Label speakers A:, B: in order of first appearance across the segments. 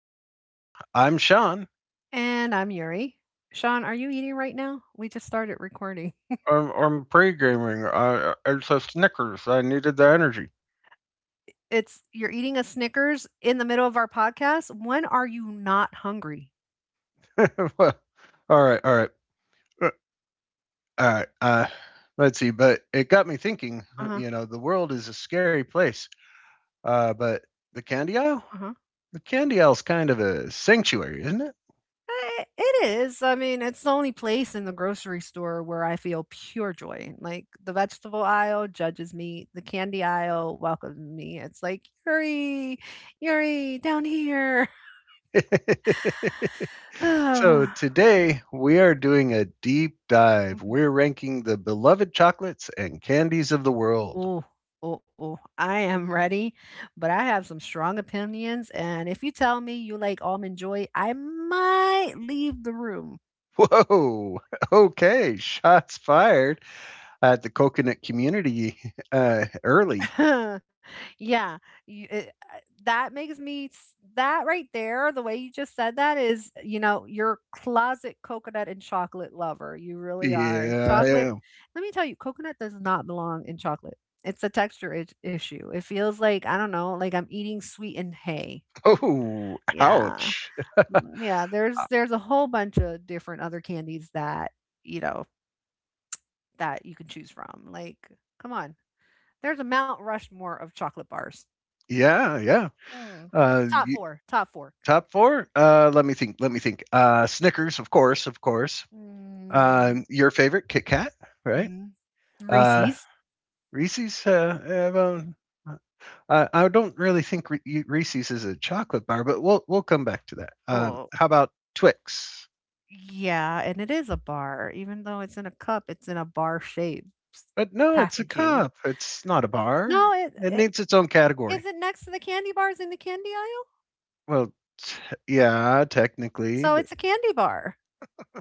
A: podcast. I'm Sean.
B: And I'm Yuri. Sean, are you eating right now? We just started recording.
A: I'm pre-gaming. It's a Snickers. I needed the energy.
B: It's you're eating a Snickers in the middle of our podcast. When are you not hungry?
A: Well, all right, all right, uh, all right. Let's see, but it got me thinking. You
B: Uh-huh.
A: know, the world is a scary place, but the candy aisle,
B: Uh-huh.
A: the candy aisle's kind of a sanctuary, isn't
B: It is. I mean, it's the only place in the grocery store where I feel pure joy. Like the vegetable aisle judges me, the candy aisle welcomes me. It's like, Yuri, Yuri, down here.
A: it? So
B: Mhm.
A: today we are doing a deep dive. We're ranking the beloved chocolates and candies of the world.
B: Oh, oh, oh. I am ready, but I have some strong opinions. And if you tell me you like almond joy, I might leave the room.
A: Whoa! Okay, shots fired at the coconut community early.
B: Yeah, that makes me that right there. The way you just said that is, you know, you're closet coconut and chocolate lover. You really are.
A: Yeah, I
B: Chocolate.
A: am.
B: Let me tell you, coconut does not belong in chocolate. It's a issue. It feels like I don't know, like I'm eating sweetened hay.
A: Oh,
B: Yeah.
A: ouch.
B: Mm, yeah, there's a whole bunch of different other candies that, you know, that you can choose from, like, come on. There's a Mount Rushmore of chocolate bars.
A: Yeah, yeah.
B: Mm.
A: Uh,
B: Top
A: you,
B: 4, top 4.
A: Top four? Let me think. Let me think. Snickers, of course, of course.
B: Mm.
A: Your favorite, Kit Kat, right?
B: Mhm.
A: Uh,
B: Reese's.
A: Reese's. Well, I don't really think Reese's is a chocolate bar, but we'll come back to that.
B: Oh,
A: How about Twix?
B: yeah, and it is a bar, even though it's in a cup, it's in a bar shape s
A: But no, it's a
B: packaging.
A: cup. It's not a
B: No,
A: bar.
B: it
A: It
B: it
A: needs its own
B: is
A: category.
B: it next to the candy bars in the candy aisle?
A: Well, t- yeah, technically,
B: So
A: but
B: it's a candy bar.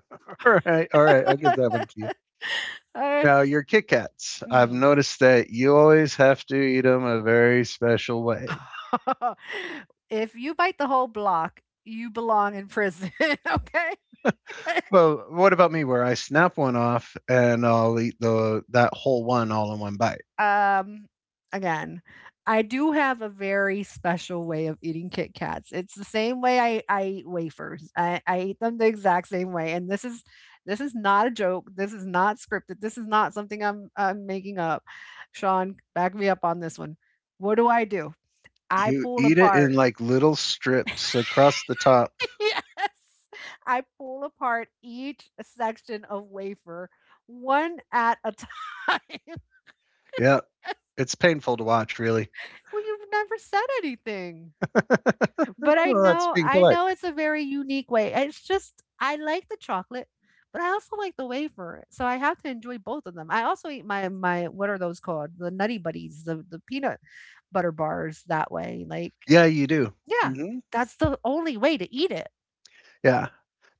A: all right, I'll give that one to you.
B: Uh,
A: Now your Kit Kats. I've
B: mhm.
A: noticed that you always have to eat them a very special way.
B: If you bite the whole block, you belong in prison. Okay.
A: Well, what about me? Where I snap one off and I'll eat the that whole one all in one bite.
B: Um, again, I do have a very special way of eating Kit Kats. It's the same way I eat wafers. I eat them the exact same way. And this is not a joke. This is not scripted. This is not something I'm making up. Sean, back me up on this one. What do? I
A: You
B: pull
A: eat it in
B: apart.
A: like little strips across the top.
B: Yes. I pull apart each section of wafer one at a time.
A: Yeah, it's painful to watch, really.
B: Well, you've never said anything. But I
A: Well, that's
B: know
A: being
B: I
A: polite.
B: know it's a very unique way. It's just I like the chocolate, but I also like the wafer. So I have to enjoy both of them. I also eat my what are those called? The Nutty Buddies, the peanut butter bars that way. Like,
A: Yeah, you do.
B: yeah,
A: Mm-hmm.
B: that's the only way to eat it.
A: Yeah.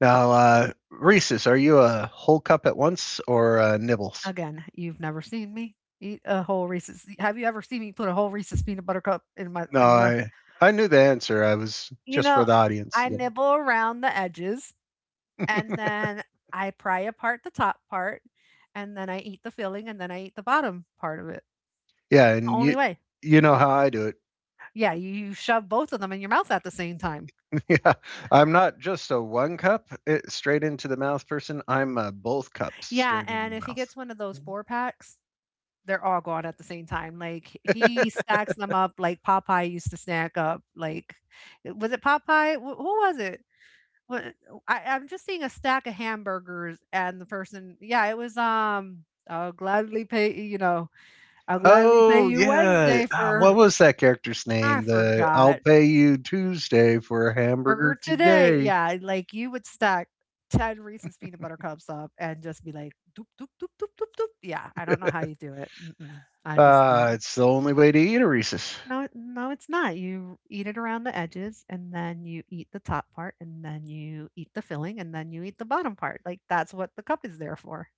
A: Now, Reese's, are you a whole cup at once or nibbles?
B: Again, you've never seen me eat a whole Reese's have you ever seen me put a whole Reese's peanut butter cup in my
A: No,
B: in my mouth?
A: I knew the answer. I was
B: You
A: just for
B: know,
A: the audience.
B: I
A: Yeah,
B: nibble around the edges, and then I pry apart the top part, and then I eat the filling, and then I eat the bottom part of it.
A: yeah,
B: The
A: and
B: only
A: you
B: way.
A: you know how I do it.
B: Yeah, you shove both of them in your mouth at the same time.
A: Yeah, I'm not just a one cup it, straight into the mouth person. I'm a both cups
B: Yeah,
A: straight into
B: and
A: the
B: if he gets
A: mouth.
B: one of those 4 packs, they're all gone at the same time. Like, he stacks them up like Popeye used to snack up, like was it Popeye? Wh who was it? What I'm just seeing a stack of hamburgers and the person yeah, it was, "I'll gladly pay," you know, "I'll gladly pay
A: Oh,
B: you
A: yeah.
B: Wednesday
A: Ah, what
B: for"
A: was that character's
B: I
A: name? The I'll
B: forgot,
A: pay you Tuesday for a
B: "burger
A: hamburger
B: today."
A: today.
B: Yeah, like, you would stack 10 Reese's Peanut Butter Cups up and just be like, "Doop, doop, doop, doop, doop, doop." Yeah, I don't know how you do it. Mm-mm, I No. Just don't.
A: It's the only way to eat a Reese's.
B: No, no, it's not. You eat it around the edges, and then you eat the top part, and then you eat the filling, and then you eat the bottom part. Like, that's what the cup is there for.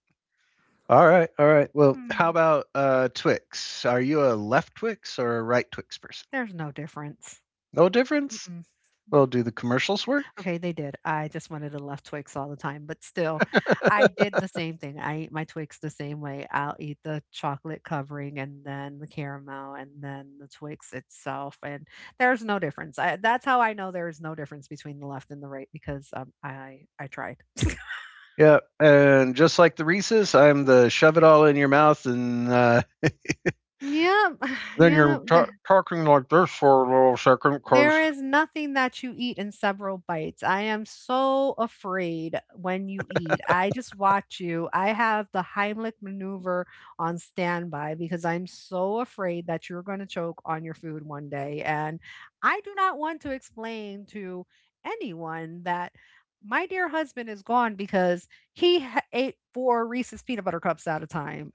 A: All right, all right. Well, how
B: Hmm,
A: about Twix? Are you a left Twix or a right Twix person?
B: there's no difference.
A: No difference?
B: Mm-mm. Mm.
A: Well, do the commercials work?
B: Okay, they did. I just wanted to love Twix all the time, but still, I did the same thing. I eat my Twix the same way. I'll eat the chocolate covering and then the caramel and then the Twix itself, and there's no difference. I, that's how I know there is no difference between the left and the right because I tried.
A: Yeah, and just like the Reese's, I'm the shove it all in your mouth and
B: Yep,
A: then you're
B: yep.
A: ta talking like this for a little second
B: There
A: because
B: is nothing that you eat in several bites. I am so afraid when you eat. I just watch you. I have the Heimlich maneuver on standby because I'm so afraid that you're going to choke on your food one day. And I do not want to explain to anyone that my dear husband is gone because he ate four Reese's peanut butter cups at a time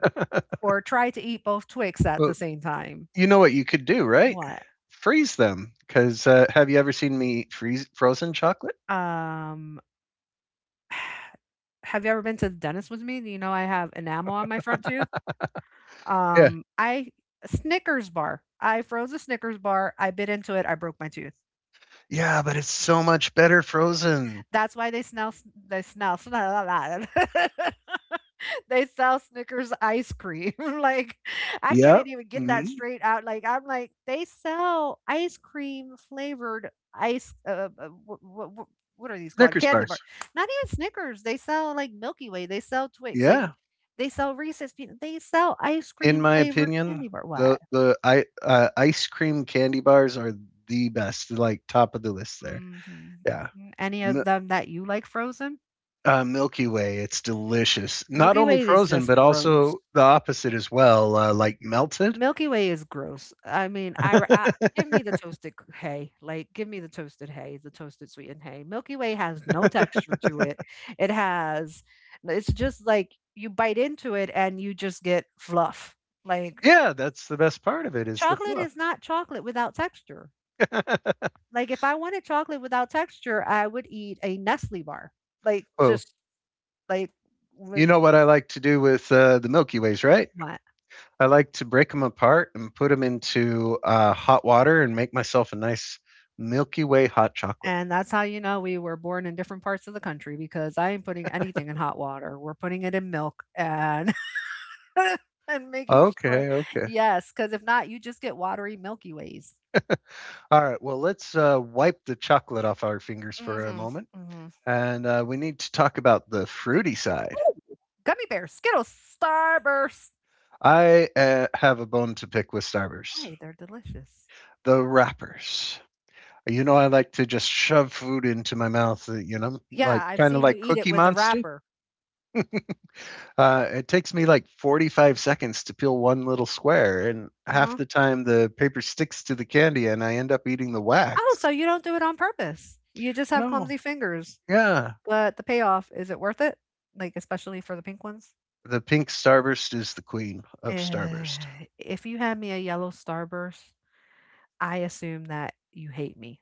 B: or tried to eat both Twix at the same time.
A: You know what you could do, right?
B: What?
A: Freeze them, 'cause, have you ever seen me eat freeze frozen chocolate?
B: Um, have you ever been to the dentist with me? You know I have enamel on my front tooth?
A: Yeah.
B: I Snickers bar. I froze a Snickers bar. I bit into it. I broke my tooth.
A: Yeah, but it's so much better frozen.
B: That's why they smell. They smell. smell They sell Snickers ice cream. Like, I can't
A: Yep.
B: even get that
A: Mhm.
B: straight out. Like, I'm like, they sell ice cream flavored ice. What are these called?
A: Snickers
B: Candy bar.
A: bars.
B: Not even Snickers. They sell like Milky Way. They sell Twix. Like,
A: Yeah.
B: they sell Reese's peanut. They sell ice
A: In
B: cream
A: my
B: flavored
A: opinion,
B: candy bar. What?
A: the I ice cream candy bars are the best, like, top of the list there.
B: Hmm.
A: Yeah.
B: Any
A: Mi
B: of them that you like frozen?
A: Milky Way, it's delicious. Not
B: Milky
A: only
B: Way is
A: frozen,
B: just
A: but
B: gross.
A: also the opposite as well, like melted.
B: Milky Way is gross. I mean, give me the toasted hay. Like, give me the toasted hay, the toasted sweetened hay. Milky Way has no texture to it. It has, it's just like you bite into it and you just get fluff. Like,
A: Yeah, that's the best part of it is the
B: chocolate
A: fluff.
B: is not chocolate without texture. Like, if I wanted chocolate without texture, I would eat a Nestle bar. Like,
A: Whoa.
B: just like with
A: You know what I like to do with the Milky Ways, right?
B: what?
A: I like to break them apart and put them into hot water and make myself a nice Milky Way hot chocolate.
B: And that's how you know we were born in different parts of the country because I ain't putting anything in hot water. We're putting it in milk and and making sure
A: Okay, okay.
B: yes, because if not, you just get watery Milky Ways.
A: All right, well, let's wipe the chocolate off our fingers for a
B: Mhm,
A: moment.
B: mhm.
A: And we need to talk about the fruity side.
B: Ooh, gummy bears, Skittles, Starburst.
A: I have a bone to pick with Starburst.
B: Why? They're delicious.
A: The wrappers. You know, I like to just shove food into my mouth, like
B: Yeah, I've
A: kind of
B: seen you
A: like
B: eat it
A: Cookie
B: with the
A: Monster.
B: wrapper.
A: It takes me like 45 seconds to peel one little square, and half
B: Uh-huh.
A: the time the paper sticks to the candy and I end up eating the
B: Oh,
A: wax.
B: so you don't do it on purpose. You just have clumsy
A: No.
B: fingers,
A: Yeah.
B: but the payoff, is it worth it? Like, especially for the pink ones?
A: The pink starburst is the queen of
B: Uh,
A: starburst.
B: if you hand me a yellow starburst, I assume that you hate me.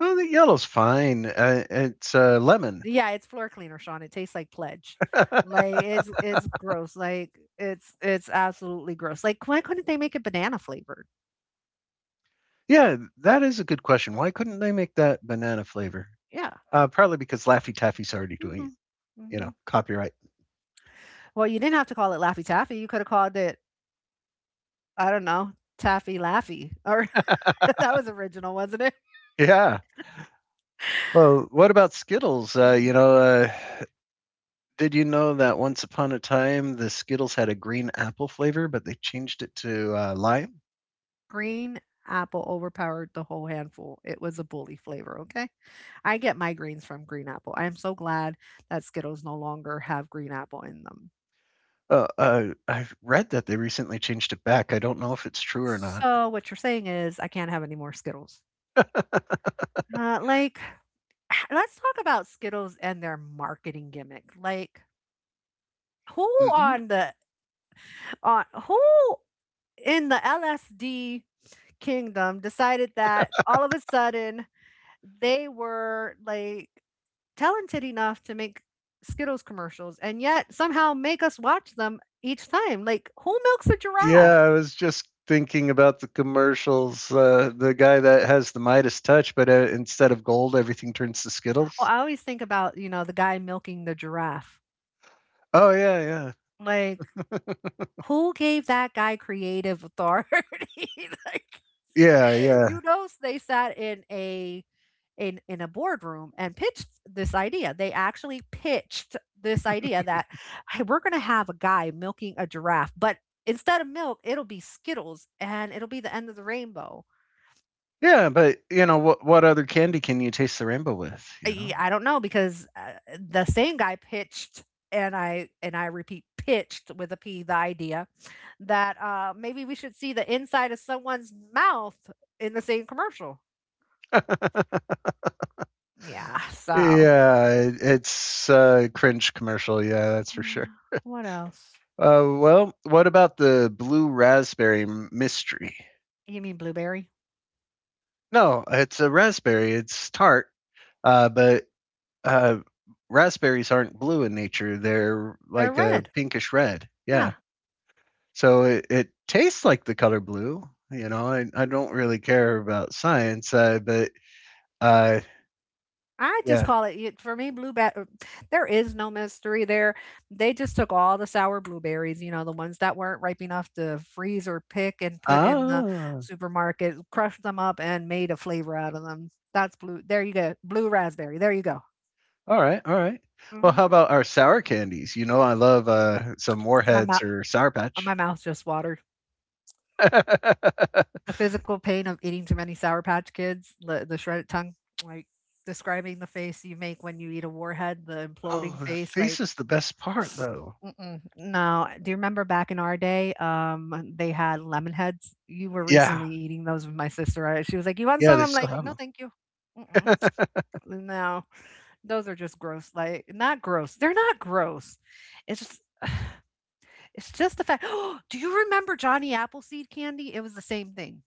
A: Well, the yellow's fine. It's lemon.
B: Yeah, it's floor cleaner, Sean. It tastes like pledge. Like it's gross. Like it's absolutely gross. Like why couldn't they make it banana flavored?
A: Yeah, that is a good question. Why couldn't they make that banana flavor?
B: Yeah.
A: Probably because Laffy Taffy's already
B: Hmm.
A: doing it. You
B: Hmm.
A: know, copyright.
B: Well, you didn't have to call it Laffy Taffy. You could have called it I don't know Taffy Laffy. Or that was original, wasn't
A: Yeah. Well, what about Skittles?
B: it?
A: Did you know that once upon a time the Skittles had a green apple flavor, but they changed it to lime?
B: Green apple overpowered the whole handful. It was a bully flavor, okay? I get migraines from green apple. I am so glad that Skittles no longer have green apple in them.
A: I've read that they recently changed it back. I don't know if it's true or not.
B: So, what you're saying is, I can't have any more Skittles. Like, let's talk about Skittles and their marketing gimmick. Like, who
A: Hmm.
B: on the on who in the LSD kingdom decided that all of a sudden they were like talented enough to make Skittles commercials and yet somehow make us watch them each time. Like, who milks a
A: Yeah,
B: giraffe?
A: I was just thinking about the commercials. The guy that has the Midas touch, but instead of gold, everything turns to
B: Oh,
A: Skittles.
B: I always think about, you know, the guy milking the giraffe.
A: Oh yeah, yeah,
B: Like, who gave that guy creative authority? Like,
A: yeah, yeah,
B: you know, they sat in a in in a boardroom and pitched this idea. They actually pitched this idea that hey, we're going to have a guy milking a giraffe, but instead of milk, it'll be Skittles and it'll be the end of the rainbow
A: yeah. But you know what? What other candy can you taste the rainbow with? You know?
B: I don't know because the same guy pitched and I repeat pitched with a p the idea that maybe we should see the inside of someone's mouth in the same commercial. Yeah. So
A: Yeah, it's a cringe commercial. Yeah, that's for sure.
B: yeah. What else?
A: Well, what about the blue raspberry mystery?
B: You mean blueberry?
A: No, it's a raspberry. It's tart, but uh, raspberries aren't blue in nature. They're
B: They're
A: like a
B: red.
A: pinkish red.
B: Yeah.
A: Yeah. So it tastes like the color blue. You know, I don't really care about science, but uh,
B: I just
A: yeah.
B: call it for me blue there is no mystery there. They just took all the sour blueberries, you know, the ones that weren't ripe enough to freeze or pick and put in the
A: Ah,
B: supermarket, crushed them up and made a flavor out of them. That's blue. There you go. Blue raspberry. There you go.
A: all right, all right. Well,
B: Hmm.
A: how about our sour candies? You know, I love some
B: My
A: Warheads
B: mouth
A: or Sour Patch.
B: my mouth just watered. The physical pain of eating too many sour patch kids, the shredded tongue, like describing the face you make when you eat a warhead, the
A: Oh,
B: imploding
A: the
B: face,
A: face
B: like
A: is the best part, though.
B: Mm-mm, no, do you remember back in our day, they had lemon heads? You were
A: Yeah.
B: recently eating those with my sister. I, she was like, "You want
A: Yeah,
B: some?"
A: they
B: I'm
A: still
B: like,
A: have
B: "No,
A: them.
B: thank you." Mm-mm, no, those are just gross. Like, not gross. They're not gross. It's just, it's just the fact. Do you remember Johnny Appleseed candy? It was the same thing.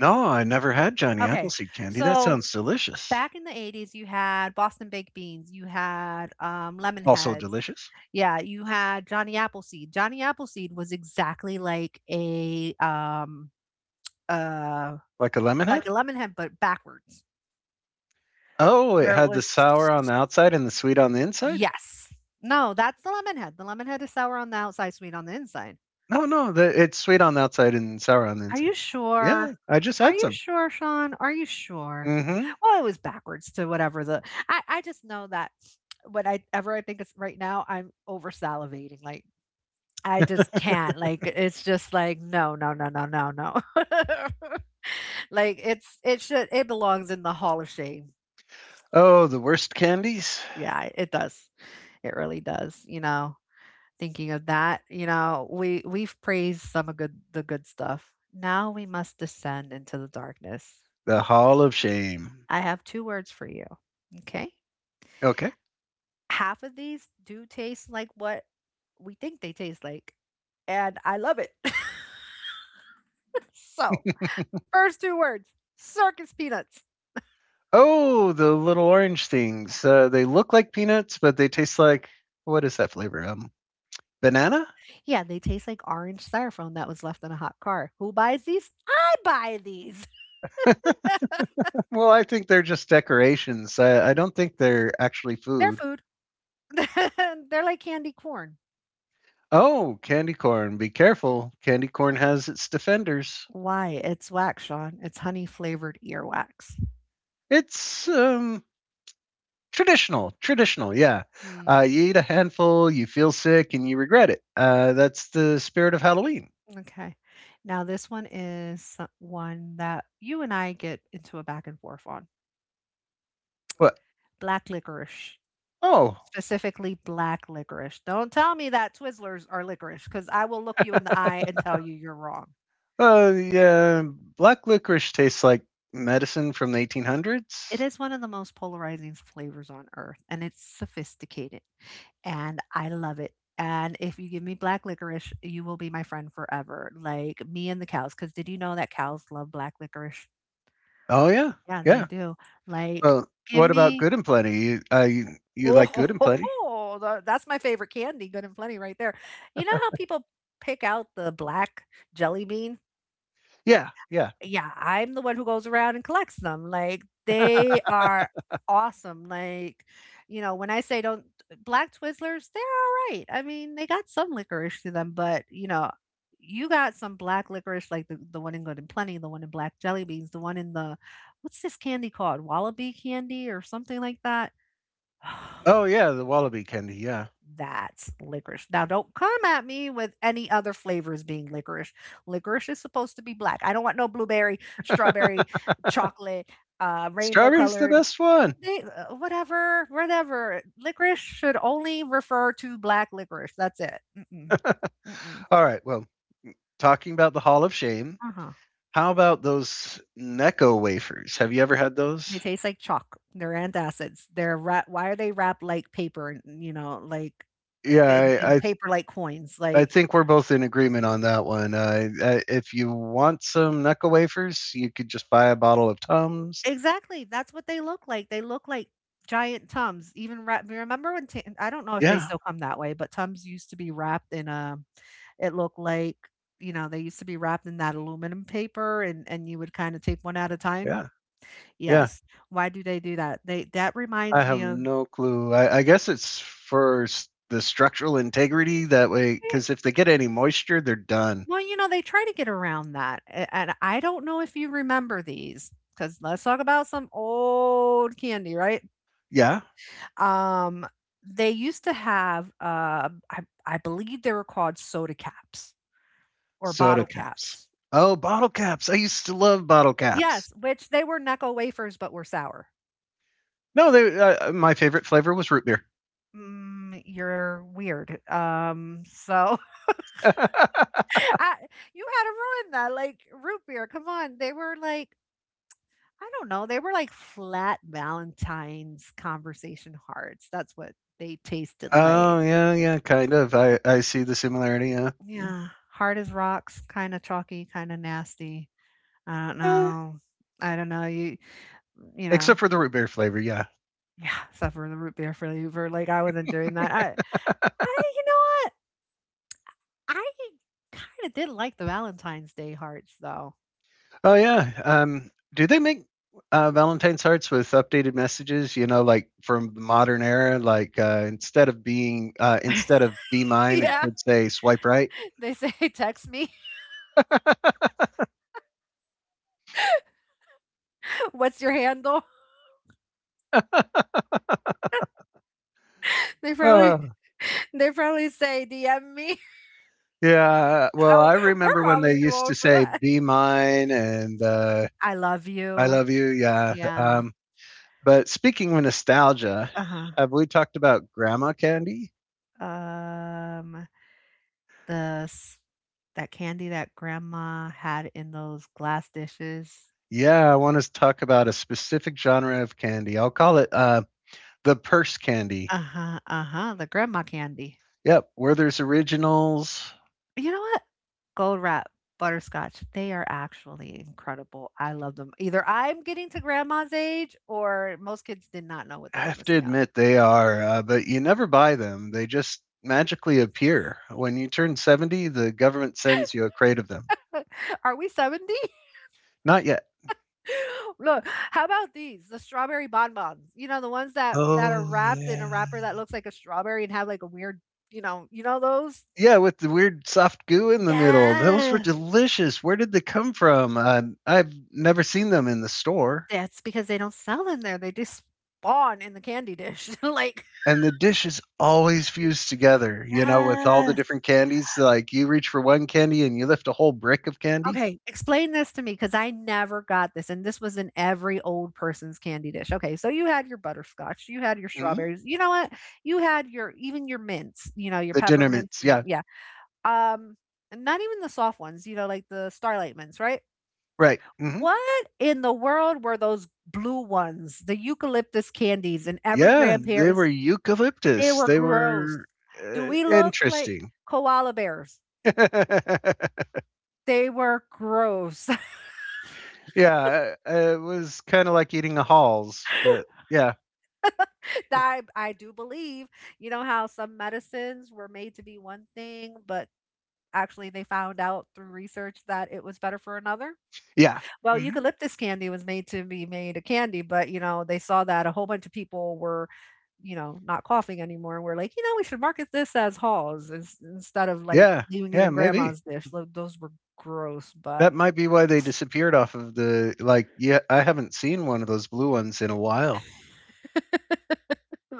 A: No, I never had Johnny
B: Okay,
A: Appleseed candy, that
B: so
A: sounds delicious.
B: back in the 80s, you had Boston baked beans, you had lemon
A: Also
B: heads,
A: delicious?
B: yeah, you had Johnny Appleseed. Johnny Appleseed was exactly uh,
A: Like a
B: like a
A: lemonhead?
B: Lemonhead, but backwards,
A: Oh, it
B: where it
A: had the
B: was
A: sour on the outside and the sweet on the inside?
B: yes. No, that's the Lemonhead. The Lemonhead is sour on the outside, sweet on the inside.
A: No, no, the it's sweet on the outside and sour on the
B: Are you
A: inside.
B: sure?
A: Yeah, I just
B: Are
A: had
B: you
A: some.
B: sure, Sean? Are you sure?
A: Mhm.
B: Well, it was backwards to whatever the I just know that when I ever I think it's right now, I'm over salivating. Like I just can't, like, it's just like, "No, no, no, no, no, no." Like, it's it should it belongs in the Hall of Shame.
A: Oh, the worst candies?
B: Yeah, it does. It really does, Thinking of that, we've praised some of good stuff. Now we must descend into the darkness.
A: The Hall of Shame.
B: I have 2 words for you. Okay.
A: Okay.
B: Half of these do taste like what we think they taste like, and I love it. So first two words, circus peanuts.
A: Oh, the little orange things. They look like peanuts, but they taste like what is that flavor? Banana?
B: Yeah, they taste like orange styrofoam that was left in a hot car. Who buys these? I buy these.
A: Well, I think they're just decorations. I don't think they're actually
B: They're
A: food.
B: food. They're like candy corn.
A: Oh, candy corn. Be careful. Candy corn has its defenders.
B: Why? It's wax, Sean. It's honey flavored earwax.
A: It's traditional. Traditional, yeah.
B: Mm,
A: You eat a handful, you feel sick, and you regret it. That's the spirit of Halloween.
B: okay. Now, this one is one that you and I get into a back and forth on.
A: What?
B: Black licorice,
A: Oh,
B: specifically black licorice. Don't tell me that Twizzlers are licorice because I will look you in the eye and tell you you're wrong.
A: yeah. Black licorice tastes like medicine from the
B: It
A: 1800s.
B: is one of the most polarizing flavors on earth, and it's sophisticated, and I love it, and if you give me black licorice, you will be my friend forever, like, me and the cows. Because did you know that cows love black licorice?
A: Oh yeah,
B: Yeah. Yeah, they
A: yeah.
B: do. Mm, like,
A: Well,
B: give
A: what about
B: me
A: Good and Plenty? You like Good
B: oh,
A: and Plenty?
B: that's my favorite candy, Good and Plenty, right there. You know how people pick out the black jelly bean?
A: Yeah, yeah.
B: Yeah, I'm the one who goes around and collects them, like, they are awesome, like, when I say don't black Twizzlers, they're alright, I mean, they got some licorice to them, but, you got some black licorice, like the one in Good and Plenty, the one in black jelly beans, the one in the what's this candy called? Wallaby candy or something like that?
A: Oh yeah, the wallaby candy. Yeah,
B: That's licorice. Now, don't come at me with any other flavors being licorice. Licorice is supposed to be black. I don't want no blueberry, strawberry, chocolate, rainbow
A: strawberry's the
B: colored,
A: best one.
B: whatever, whatever. Licorice should only refer to black licorice. That's it. Mm-mm, mm-mm.
A: All right. Well, talking about the Hall of Shame,
B: Uh-huh.
A: how about those Necco wafers? Have you ever had
B: They
A: those?
B: taste like chalk. They're antacids. They're wrap. Why are they wrapped like paper? And you know, like
A: Yeah,
B: in
A: I I,
B: paper like coins.
A: I
B: Like
A: think we're both in agreement on that one. If you want some Necco wafers, you could just buy a bottle of Tums.
B: exactly, that's what they look like. They look like giant Tums, even wrap remember when Tan I don't know if they
A: Yeah,
B: still come that way, but Tums used to be wrapped in a it looked like, you know, they used to be wrapped in that aluminum paper and you would kinda take one at a time.
A: yeah, yeah.
B: Yes. Why do they do that? They that
A: I
B: reminds
A: have
B: me of
A: no clue. I guess it's for the structural integrity that way,
B: eh,
A: because if they get any moisture, they're done.
B: well, you know, they try to get around that, a and I don't know if you remember these because 'cause let's talk about some old candy, right?
A: Yeah,
B: Um, they used to have, I believe they were called soda caps or
A: soda
B: bottle
A: caps.
B: caps.
A: Oh, bottle caps. I used to love bottle caps.
B: Yes, which they were Necco wafers, but were sour.
A: No, they. My favorite flavor was root beer.
B: Mm, you're weird. So I, you had to ruin that. Like root beer, come on. They were like, I don't know, they were like flat Valentine's conversation hearts. That's what they tasted like.
A: Oh yeah, yeah, kind of. I see the similarity. Yeah,
B: Yeah, hard as rocks, kind of chalky, kind of nasty. I don't
A: Eh,
B: know. I don't know, you know
A: except for the root beer flavor. Yeah.
B: yeah, suffer the root beer flavor, like, I wasn't doing that. I you know what? I kinda did like the Valentine's Day hearts, though.
A: Oh yeah. Do they make Valentine's hearts with updated messages? You know, like from the modern era. Like instead of be mine, it
B: Yeah,
A: could say swipe right.
B: they say, "Text me. What's your handle?" They probably
A: Uh,
B: they probably say, "DM me."
A: yeah. Well,
B: Oh,
A: I
B: we're
A: remember when they
B: probably too
A: used to
B: old for
A: say
B: that.
A: be mine and
B: I love
A: I
B: you.
A: love you. Yeah.
B: Yeah.
A: But speaking of nostalgia,
B: Uh-huh.
A: have we talked about grandma candy?
B: Um, the s That candy that grandma had in those glass dishes.
A: Yeah, I want to talk about a specific genre of candy. I'll call it the purse candy.
B: Uh-huh, uh-huh, the grandma candy.
A: Yep, Werther's Originals.
B: You know what? Gold wrap, butterscotch, they are actually incredible. I love them. Either I'm getting to grandma's age or most kids did not know
A: I
B: what they
A: have
B: were
A: to
B: missing out.
A: admit they are, but you never buy them. They just magically appear. When you turn 70, the government sends you a crate of them.
B: Are we 70?
A: Not yet.
B: Look, how about these? The strawberry bonbons. You know, the ones that are
A: Oh
B: wrapped in
A: yeah.
B: a wrapper that looks like a strawberry and have like a weird, you know those?
A: Yeah, with the weird soft goo in the middle. Those were
B: Yeah.
A: delicious. Where did they come from? I've never seen them in the store.
B: That's because they don't sell in there. They just spawn in the candy dish. like,
A: And the dish is always fused together, you know, with all the
B: yes.
A: different candies. Like you reach for one candy and you lift a whole brick of candy.
B: Okay, explain this to me because I never got this. And this was in every old person's candy dish. Okay, so you had your butterscotch, you had your
A: Hmm.
B: strawberries, you know what? You had your even your mints, you know, your
A: The dinner
B: peppermints
A: mints.
B: and
A: Yeah.
B: yeah. Um and not even the soft ones, you know, like the starlight mints, right?
A: Right, mhm.
B: What in the world were those blue ones, the eucalyptus candies in every
A: Yeah, they were,
B: grandparent's they
A: eucalyptus.
B: were
A: They
B: gross.
A: were,
B: Do
A: uh,
B: we look like
A: interesting.
B: koala bears? They were gross.
A: Yeah, it was kinda like eating a Halls, but yeah.
B: I do believe, you know how some medicines were made to be one thing, but actually they found out through research that it was better for another.
A: Yeah,
B: Well,
A: mhm.
B: eucalyptus candy was made to be made a candy, but you know, they saw that a whole bunch of people were, you know, not coughing anymore and we're like, you know, we should market this as Halls instead of like
A: Yeah,
B: leaving it
A: yeah,
B: in
A: maybe.
B: grandma's dish. Those were gross, but
A: That might be why they disappeared off of the, like, yeah, I haven't seen one of those blue ones in a while.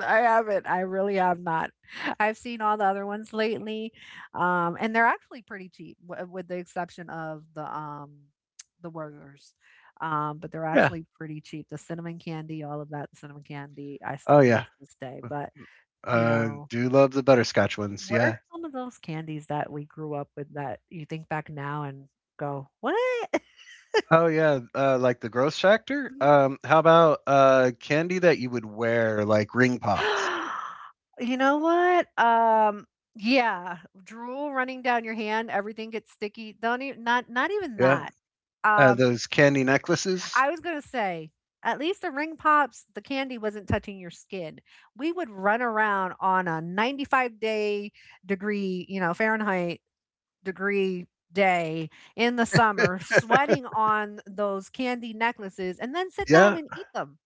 B: I haven't. I really have not. I've seen all the other ones lately, and they're actually pretty cheap, with the exception of the burgers. But they're
A: Yeah.
B: actually pretty cheap. The cinnamon candy, all of that cinnamon candy, I
A: Oh,
B: still love
A: yeah.
B: to this day. But you know,
A: Do love the butterscotch ones,
B: what are
A: yeah.
B: some of those candies that we grew up with that you think back now and go, "What?"
A: Oh, yeah, like the gross factor? How about, candy that you would wear, like ring pops?
B: You know what? Yeah, drool running down your hand, everything gets sticky. Don't even not even
A: Yeah,
B: that. Um,
A: those candy necklaces.
B: I was gonna say, at least the ring pops, the candy wasn't touching your skin. We would run around on a 95-day degree, you know, Fahrenheit degree day in the summer, sweating on those candy necklaces, and then sit down
A: Yeah.
B: and eat them.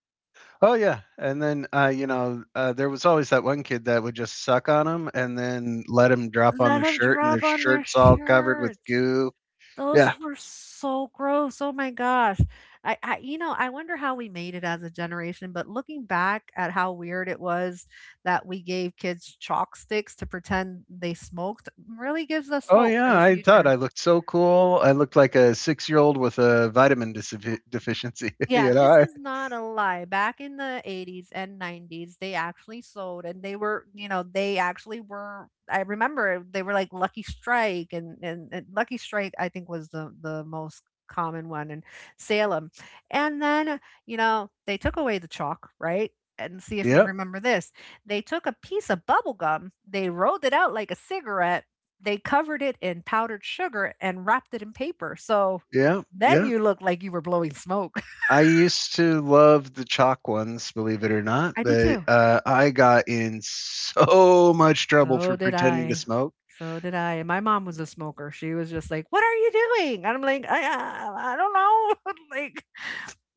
A: Oh, yeah. And then, there was always that one kid that would just suck on them and then let them drop on
B: Let
A: their
B: them
A: shirt, and their
B: drop on their
A: shirt's all covered with
B: shirt.
A: goo.
B: Those
A: Yeah.
B: were so gross. Oh my gosh. I you know, I wonder how we made it as a generation, but looking back at how weird it was that we gave kids chalk sticks to pretend they smoked really gives us
A: Oh,
B: hope for
A: yeah.
B: the
A: I thought
B: future.
A: I looked so cool. I looked like a 6-year-old with a vitamin deficiency.
B: Yeah, this is not a lie. Back in the 80s and 90s, they actually sold and they were, you know, they actually were I remember they were like Lucky Strike and Lucky Strike I think was the most common one in Salem. And then, you know, they took away the chalk, right? And see if you
A: Yeah,
B: remember this. They took a piece of bubble gum, they rolled it out like a cigarette, they covered it in powdered sugar and wrapped it in paper. So
A: yeah,
B: then
A: yeah.
B: you look like you were blowing smoke.
A: I used to love the chalk ones, believe it or not,
B: I did
A: but
B: too.
A: I got in so much trouble for
B: So did
A: pretending to
B: I.
A: smoke.
B: So did I. And my mom was a smoker. She was just like, "What are you doing?" And I'm like, I don't know." like,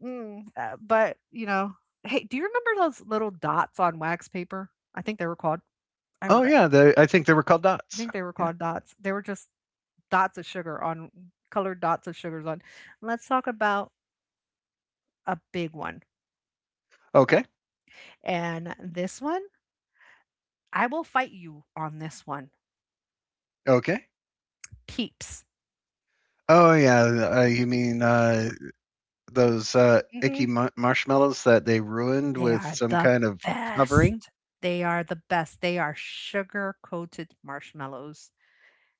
B: mm, but you know, hey, do you remember those little dots on wax paper? I think they were called. I
A: Oh
B: forgot.
A: yeah, I think they were called
B: I
A: dots.
B: think they were
A: Yeah.
B: called dots. They were just dots of sugar on colored dots of sugars on. Let's talk about a big one.
A: Okay.
B: And this one, I will fight you on this one.
A: Okay.
B: Peeps.
A: Oh yeah, you mean those icky
B: Mhm.
A: marshmallows that they ruined
B: They
A: with
B: are
A: some
B: the
A: kind of covering?
B: best. They are the best. They are sugar-coated marshmallows.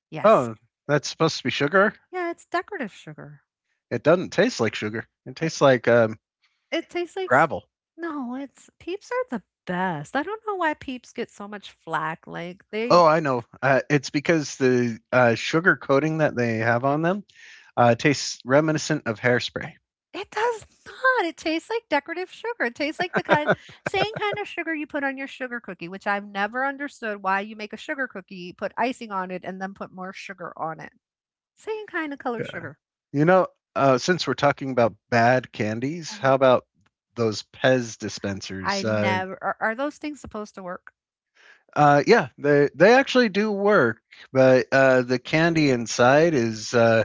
B: Yes.
A: Oh, that's supposed to be sugar.
B: Yeah, it's decorative sugar.
A: It doesn't taste like sugar. It
B: It
A: tastes like
B: it tastes like s
A: gravel.
B: No, it's Peeps are the best. I don't know why Peeps get so much flack, like, they
A: Oh, I know. It's because the sugar coating that they have on them tastes reminiscent of hairspray.
B: it does not. It tastes like decorative sugar. It tastes like the kind same kind of sugar you put on your sugar cookie, which I've never understood why you make a sugar cookie, put icing on it, and then put more sugar on it. Same kind of colored
A: Yeah.
B: sugar.
A: You know, since we're talking about bad candies,
B: Mhm.
A: how about those Pez dispensers?
B: I never are are those things supposed to work?
A: Yeah, they actually do work, but the candy inside is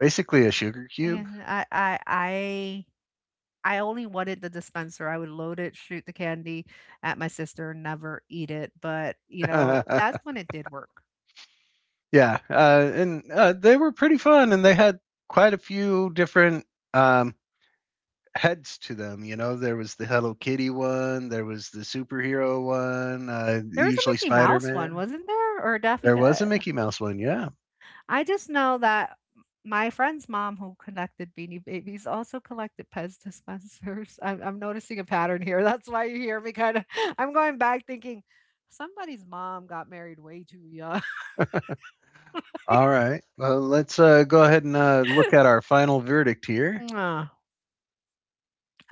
A: basically a sugar
B: Yeah,
A: cube.
B: I only wanted the dispenser. I would load it, shoot the candy at my sister, never eat it, but, you know,
A: Yeah,
B: that's when it did work.
A: and they were pretty fun, and they had quite a few different um, heads to them. You know, there was the Hello Kitty one, there was the superhero one,
B: There was a
A: usually
B: Mickey
A: Spider
B: Mouse one,
A: Man.
B: wasn't there? Or a Daffy
A: There
B: Du
A: was a Mickey Mouse one, yeah.
B: I just know that my friend's mom, who collected Beanie Babies, also collected Pez dispensers. I'm noticing a pattern here. That's why you hear me kind of. I'm going back thinking somebody's mom got married way too young.
A: All right. Let's go ahead and look at our final verdict here.
B: Ah,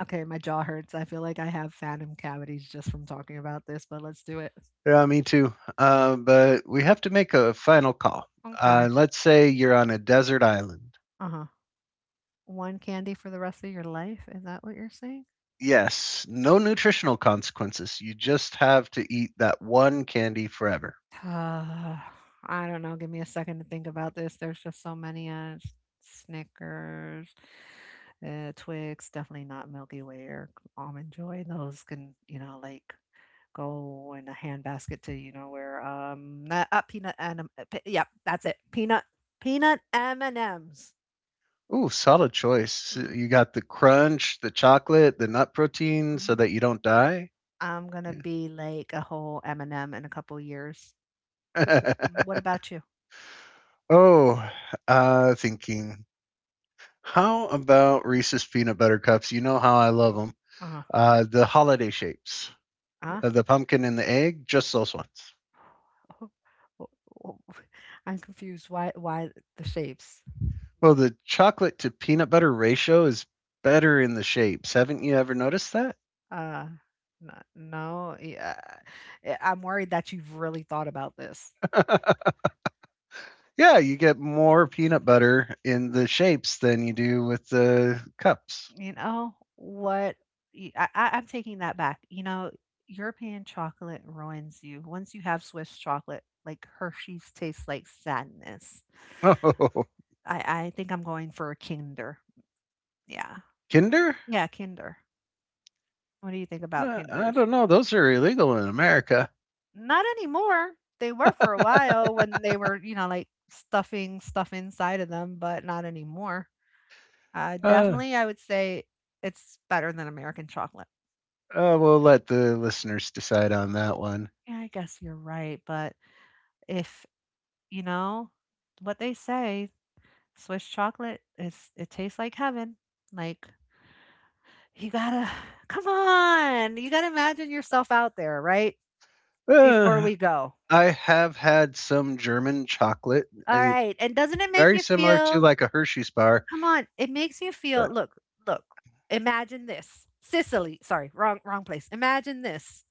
B: okay, my jaw hurts. I feel like I have phantom cavities just from talking about this, but let's do it.
A: Yeah, me too. But we have to make a final call.
B: Okay.
A: Let's say you're on a desert island.
B: Uh huh. One candy for the rest of your life? Is that what you're saying?
A: Yes, no nutritional consequences. You just have to eat that one candy forever.
B: Uh, I don't know. Give me a second to think about this. There's just so many Snickers, Twix, definitely not Milky Way or Almond Joy. Those can, you know, like go in a handbasket to, you know, where peanut and yep, that's it. Peanut M&Ms.
A: Ooh, solid choice.
B: Mhm,
A: You got the crunch, the chocolate, the nut protein so
B: mhm.
A: that you don't die.
B: I'm gonna be like a whole M&M in a couple years.
A: Yeah.
B: What about you?
A: Oh, thinking. How about Reese's peanut butter cups? You know how I love them.
B: Uh-huh.
A: The holiday shapes,
B: Uh-huh.
A: the pumpkin and the egg, just those ones.
B: I'm confused. Why? Why the shapes?
A: Well, the chocolate to peanut butter ratio is better in the shapes. Haven't you ever noticed that?
B: Uh, no, no. Yeah, I'm worried that you've really thought about this.
A: Yeah, you get more peanut butter in the shapes than you do with the cups.
B: You know what? I'm taking that back. You know, European chocolate ruins you. Once you have Swiss chocolate, like Hershey's tastes like sadness.
A: Oh,
B: I think I'm going for a Kinder. Yeah,
A: Kinder?
B: yeah, Kinder. What do you think about
A: I
B: Kinders?
A: don't know. Those are illegal in America.
B: Not anymore. They were for a while when they were, you know, like stuffing stuff inside of them, but not anymore.
A: Uh,
B: Definitely, I would say it's better than American chocolate.
A: we'll let the listeners decide on that one.
B: Yeah, I guess you're right. But if, you know, what they say, Swiss chocolate is, it tastes like heaven. Like, you gotta, come on, you gotta imagine yourself out there, right? Before
A: Uh,
B: we go.
A: I have had some German chocolate,
B: All
A: a,
B: right. And doesn't it make
A: very
B: you
A: similar to
B: feel
A: like a Hershey's bar.
B: come on, it makes you feel
A: Right.
B: look, look. Imagine this. Sicily, sorry, wrong place. Imagine this.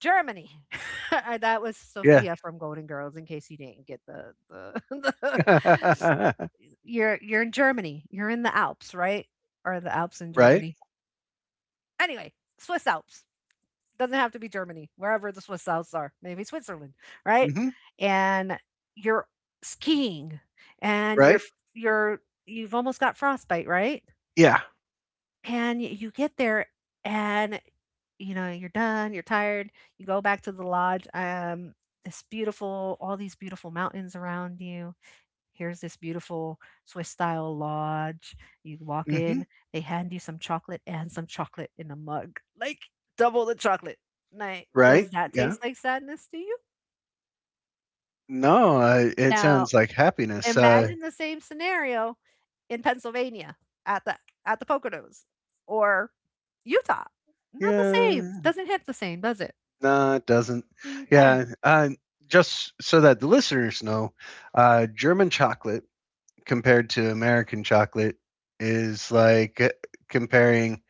B: Germany. That was
A: Yeah.
B: Sophia from Golden Girls in case you didn't get the, the you're in Germany. You're in the Alps, right? Or the Alps in
A: Right.
B: Germany. Anyway, Swiss Alps. Doesn't have to be Germany. Wherever the Swiss Alps are. Maybe Switzerland, right?
A: Hmm.
B: And you're skiing and
A: Right.
B: you're you've almost got frostbite, right?
A: Yeah.
B: And y you get there and, you know, you're done, you're tired, you go back to the lodge, this beautiful all these beautiful mountains around you. Here's this beautiful Swiss style lodge. You walk
A: Hmm.
B: in, they hand you some chocolate and some chocolate in a mug, like, double the chocolate. Like, right. Does
A: Right.
B: that
A: Yeah.
B: taste like sadness to you?
A: No, it
B: Now
A: sounds like happiness.
B: imagine the same scenario in Pennsylvania at the at the Poconos or Utah. Not the same.
A: Yeah.
B: Doesn't hit the same, does it?
A: No, it doesn't.
B: Okay.
A: Yeah. Just so that the listeners know, German chocolate compared to American chocolate is like comparing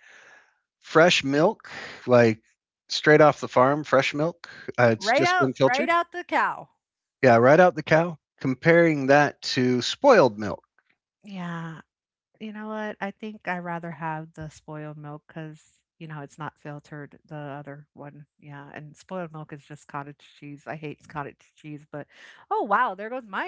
A: fresh milk, like straight off the farm, fresh milk. It's just been
B: Right
A: filtered.
B: out the cow.
A: Yeah, right out the cow. Comparing that to spoiled milk.
B: Yeah. You know what? I think I rather have the spoiled milk because you know, it's not filtered, the other one. Yeah, and spoiled milk is just cottage cheese. I hate cottage cheese, but oh, wow, there goes my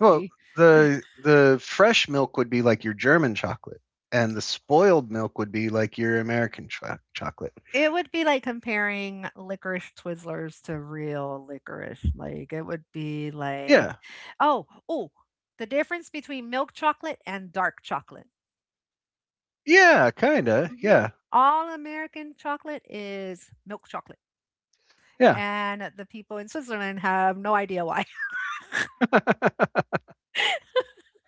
A: Well, the fresh milk would be like your German chocolate, and the spoiled milk would be like your American chocolate.
B: It would be like comparing licorice Twizzlers to real licorice, like, it would be like
A: Yeah,
B: oh, oh, the difference between milk chocolate and dark chocolate.
A: yeah, kinda. Yeah,
B: Mhm. All American chocolate is milk chocolate,
A: yeah.
B: and the people in Switzerland have no idea why.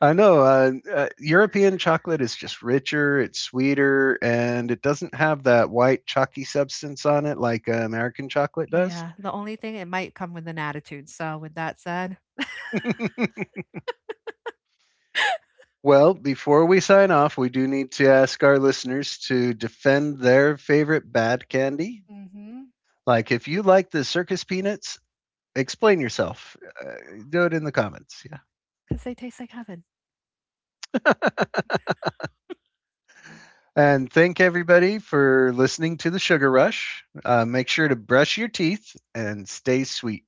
A: I know. European chocolate is just richer, it's sweeter, and it doesn't have that white chalky substance on it like American chocolate does.
B: Yeah, the only thing it might come with an attitude, so with that said
A: Well, before we sign off, we do need to ask our listeners to defend their favorite bad candy.
B: because
A: Like, if you like the circus peanuts, explain yourself. Do it in the comments.
B: they taste like heaven.
A: Yeah. And thank everybody for listening to the Sugar Rush. Make sure to brush your teeth and stay sweet.